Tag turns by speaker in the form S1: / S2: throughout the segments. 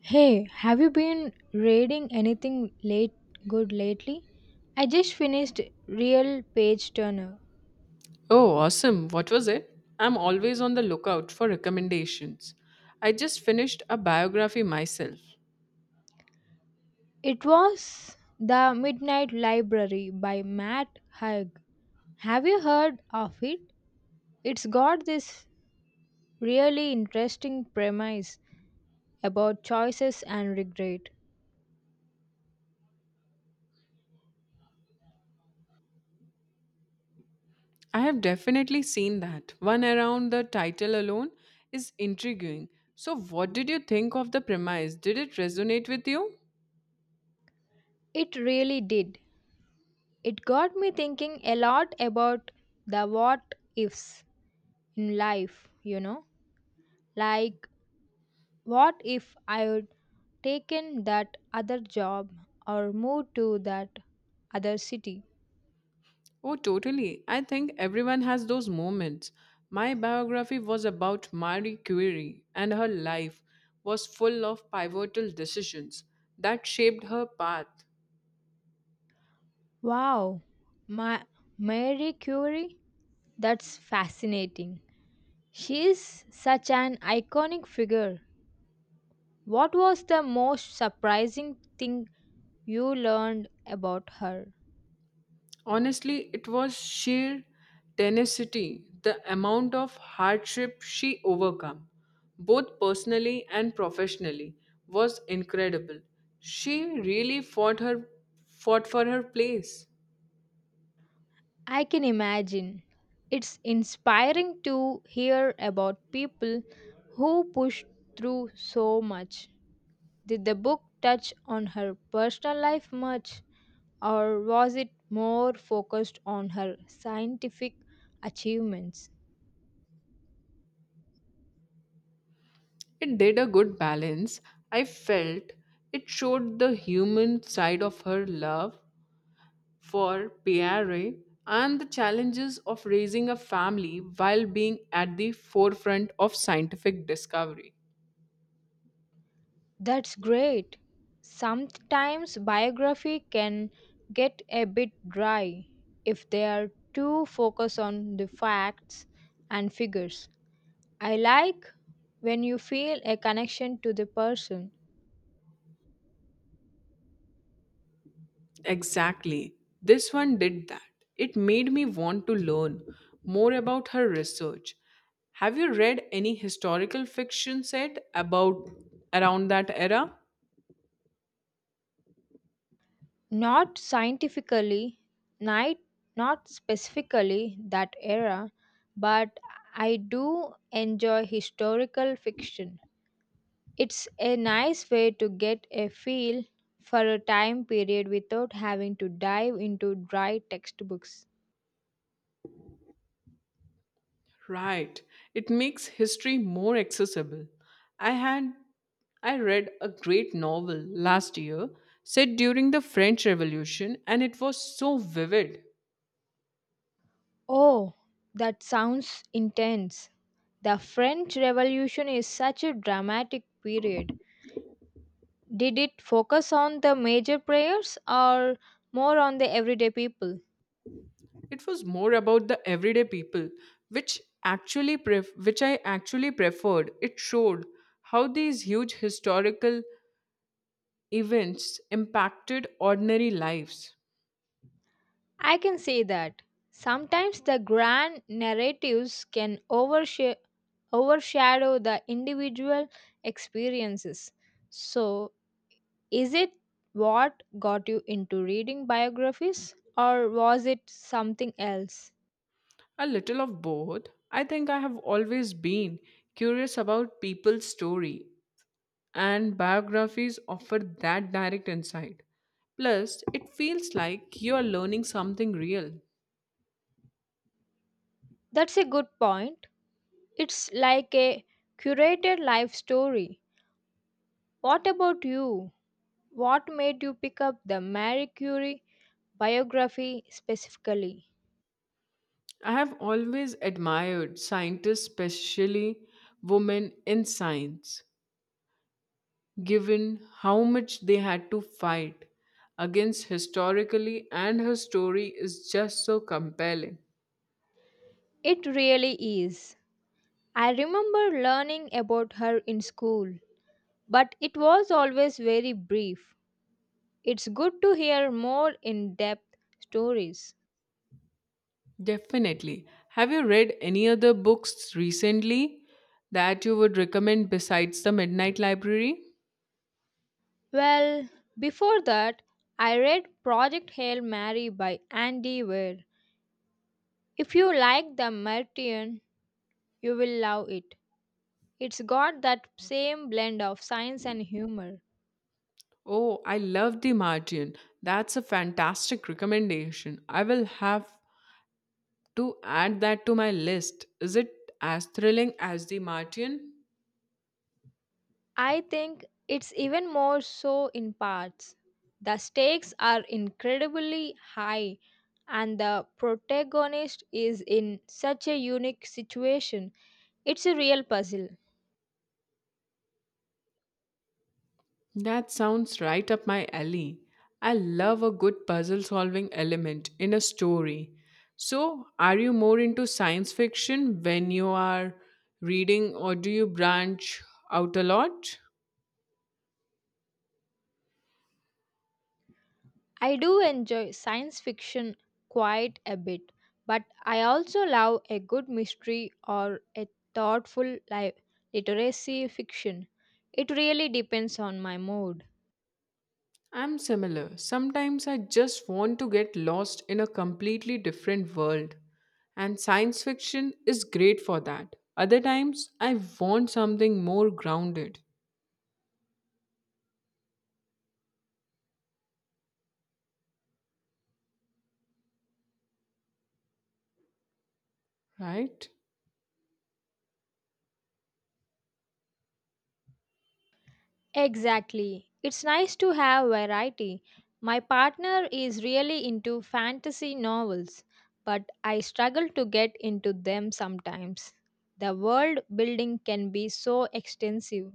S1: Hey, have you been reading anything late good lately? I just finished Real Page Turner.
S2: Oh, awesome. What was it? I'm always on the lookout for recommendations. I just finished a biography myself.
S1: It was The Midnight Library by Matt Haig. Have you heard of it? It's got this really interesting premise about choices and regret.
S2: I have definitely seen that one around. The title alone is intriguing. So, what did you think of the premise? Did it resonate with you?
S1: It really did. It got me thinking a lot about the what ifs in life, you know? Like, what if I would taken that other job or moved to that other city?
S2: Oh, totally. I think everyone has those moments. My biography was about Marie Curie, and her life was full of pivotal decisions that shaped her path.
S1: Wow, Ma- Marie Curie? That's fascinating. She's such an iconic figure. What was the most surprising thing you learned about her?
S2: Honestly, it was sheer tenacity. The amount of hardship she overcome, both personally and professionally, was incredible. She really fought for her place.
S1: I can imagine. It's inspiring to hear about people who pushed through so much. Did the book touch on her personal life much, or was it more focused on her scientific achievements?
S2: It did a good balance. I felt it showed the human side of her love for Pierre and the challenges of raising a family while being at the forefront of scientific discovery.
S1: That's great. Sometimes biography can get a bit dry if they are too focused on the facts and figures. I like when you feel a connection to the person.
S2: Exactly. This one did that. It made me want to learn more about her research. Have you read any historical fiction set about around that era?
S1: Not scientifically, night, Not specifically that era, but I do enjoy historical fiction. It's a nice way to get a feel for a time period without having to dive into dry textbooks.
S2: Right. It makes history more accessible. I had I read a great novel last year set during the French Revolution, and it was so vivid.
S1: Oh, that sounds intense. The French Revolution is such a dramatic period. Did it focus on the major players or more on the everyday people?
S2: It was more about the everyday people, which which I actually preferred. It showed how these huge historical events impacted ordinary lives.
S1: I can say that. Sometimes the grand narratives can overshadow the individual experiences. So, is it what got you into reading biographies, or was it something else?
S2: A little of both, I think. I have always been curious about people's story, and biographies offer that direct insight. Plus, it feels like you are learning something real.
S1: That's a good point. It's like a curated life story. What about you? What made you pick up the Marie Curie biography specifically?
S2: I have always admired scientists, especially women in science, given how much they had to fight against historically, and her story is just so compelling.
S1: It really is. I remember learning about her in school, but it was always very brief. It's good to hear more in depth stories.
S2: Definitely. Have you read any other books recently that you would recommend besides The Midnight Library?
S1: Well, before that, I read Project Hail Mary by Andy Weir. If you like The Martian, you will love it. It's got that same blend of science and humor.
S2: Oh, I love The Martian. That's a fantastic recommendation. I will have to add that to my list. Is it as thrilling as The Martian?
S1: I think it's even more so in parts. The stakes are incredibly high, and the protagonist is in such a unique situation. It's a real puzzle.
S2: That sounds right up my alley. I love a good puzzle solving element in a story. So, are you more into science fiction when you are reading, or do you branch out a lot?
S1: I do enjoy science fiction quite a bit, but I also love a good mystery or a thoughtful li- literacy fiction. It really depends on my mood.
S2: I'm similar. Sometimes I just want to get lost in a completely different world, and science fiction is great for that. Other times, I want something more grounded, right?
S1: Exactly. It's nice to have variety. My partner is really into fantasy novels, but I struggle to get into them sometimes. The world building can be so extensive.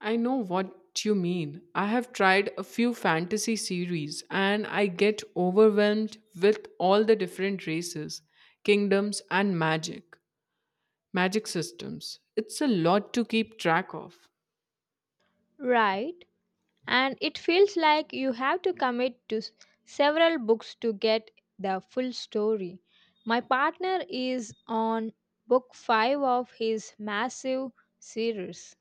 S2: I know what you mean. I have tried a few fantasy series and I get overwhelmed with all the different races, kingdoms, and magic systems. It's a lot to keep track of.
S1: Right. And it feels like you have to several books to get the full story. My partner is on book 5 of his massive series.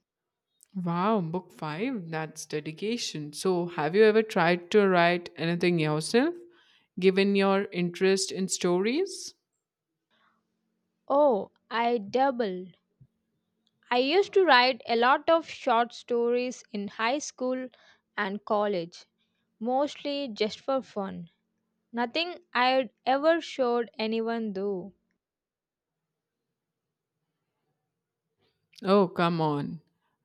S2: Wow, book five, that's dedication. So, have you ever tried to write anything yourself, given your interest in stories?
S1: Oh, I double. I used to write a lot of short stories in high school and college, mostly just for fun. Nothing I'd ever showed anyone though.
S2: Oh, come on.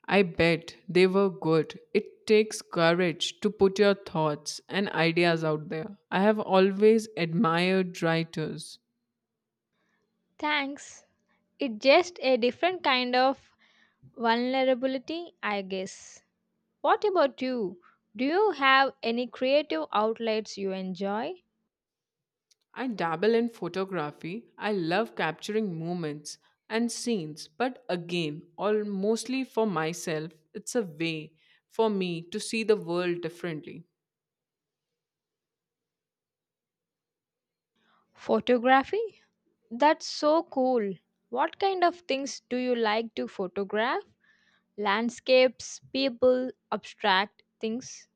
S2: I bet they were good. It takes courage to put your thoughts and ideas out there. I have always admired writers.
S1: Thanks. It's just a different kind of vulnerability, I guess. What about you? Do you have any creative outlets you enjoy?
S2: I dabble in photography. I love capturing moments and scenes, but again, all mostly for myself. It's a way for me to see the world differently.
S1: Photography? That's so cool. What kind of things do you like to photograph? Landscapes, people, abstract things.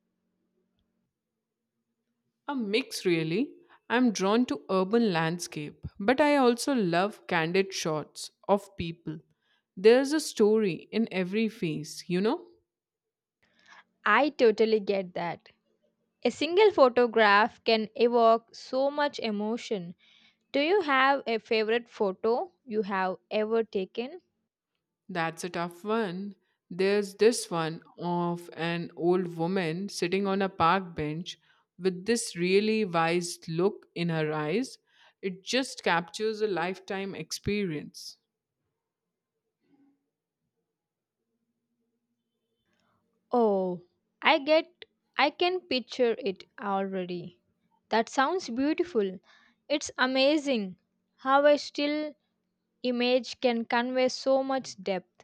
S2: A mix, really. I'm drawn to urban landscape, but I also love candid shots of people. There's a story in every face, you know?
S1: I totally get that. A single photograph can evoke so much emotion. Do you have a favorite photo you have ever taken?
S2: That's a tough one. There's this one of an old woman sitting on a park bench with this really wise look in her eyes. It just captures a lifetime experience.
S1: Oh, I get I can picture it already. That sounds beautiful. It's amazing how a still image can convey so much depth.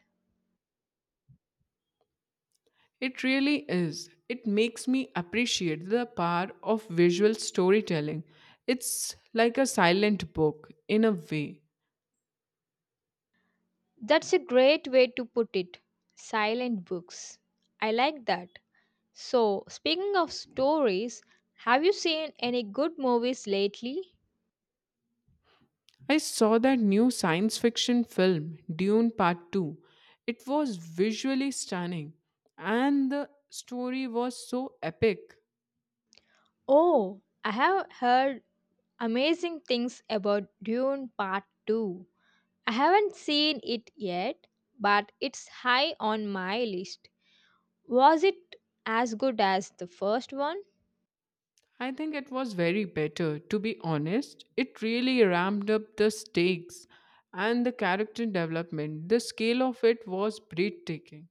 S2: It really is. It makes me appreciate the power of visual storytelling. It's like a silent book in a way.
S1: That's a great way to put it. Silent books. I like that. So, speaking of stories, have you seen any good movies lately?
S2: I saw that new science fiction film, Dune Part 2. It was visually stunning and the story was so epic.
S1: Oh, I have heard amazing things about Dune Part 2. I haven't seen it yet, but it's high on my list. Was it as good as the first one?
S2: I think it was very better, to be honest. It really ramped up the stakes and the character development. The scale of it was breathtaking.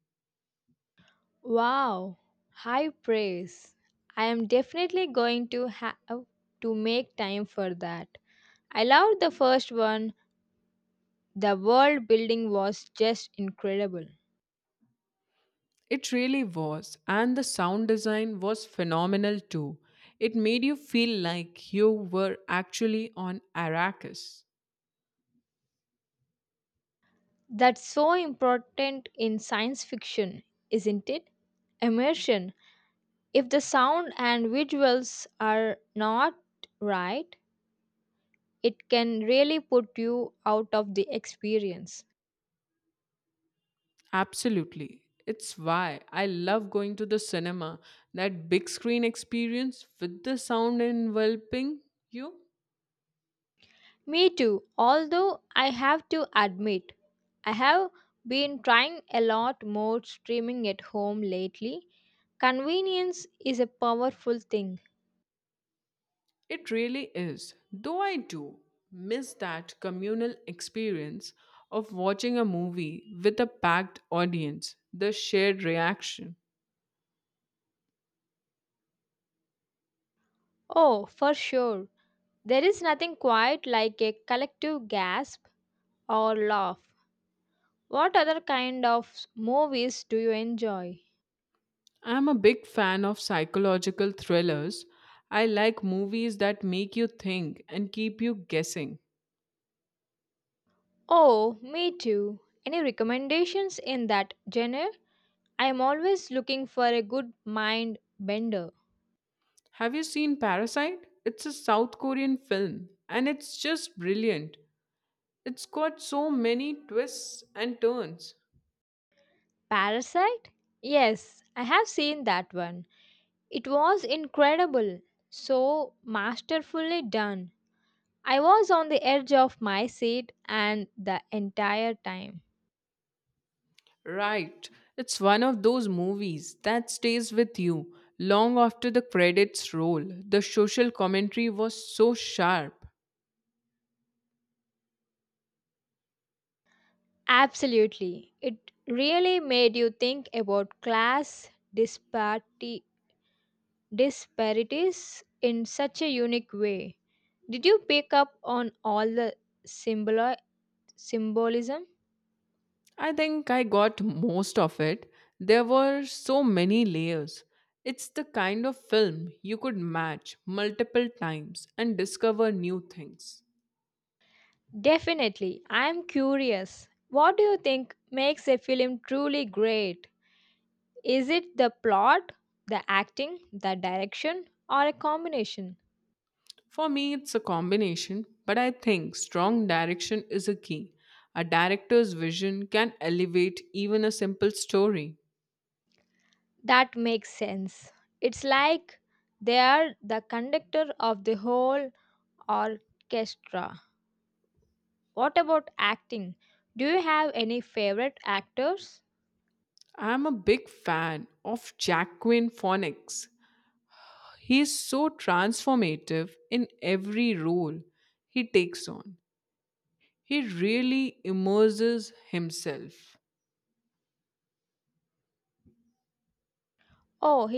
S1: Wow, high praise. I am definitely going to have to make time for that. I loved the first one. The world building was just incredible.
S2: It really was, and the sound design was phenomenal too. It made you feel like you were actually on Arrakis.
S1: That's so important in science fiction, isn't it? Immersion. If the sound and visuals are not right, it can really put you out of the experience.
S2: Absolutely. It's why I love going to the cinema. That big screen experience with the sound enveloping you,
S1: Me too, although I have to admit, I have been trying a lot more streaming at home lately. Convenience is a powerful thing.
S2: it really is. Though I do miss that communal experience of watching a movie with a packed audience, the shared reaction.
S1: Oh, for sure. There is nothing quite like a collective gasp or laugh. What other kind of movies do you enjoy?
S2: I'm a big fan of psychological thrillers. I like movies that make you think and keep you guessing.
S1: Oh, me too. Any recommendations in that genre? I am always looking for a good mind bender.
S2: Have you seen Parasite? It's a South Korean film and it's just brilliant. It's got so many twists and turns.
S1: Parasite? Yes, I have seen that one. It was incredible, so masterfully done. I was on the edge of my seat and the entire time.
S2: Right. It's one of those movies that stays with you long after the credits roll. The social commentary was so sharp.
S1: Absolutely. It really made you think about disparities in such a unique way. Did you pick up on all the symbol symbolism?
S2: I think I got most of it. There were so many layers. It's the kind of film you could match multiple times and discover new things.
S1: Definitely. I am curious. What do you think makes a film truly great? Is it the plot, the acting, the direction, or a combination?
S2: For me, it's a combination, but I think strong direction is a key. A director's vision can elevate even a simple story.
S1: That makes sense. It's like they are the conductor of the whole orchestra. What about acting? Do you have any favorite actors?
S2: I'm a big fan of Jacqueline Phoenix. He is so transformative in every role he takes on. He really immerses himself.
S1: Oh,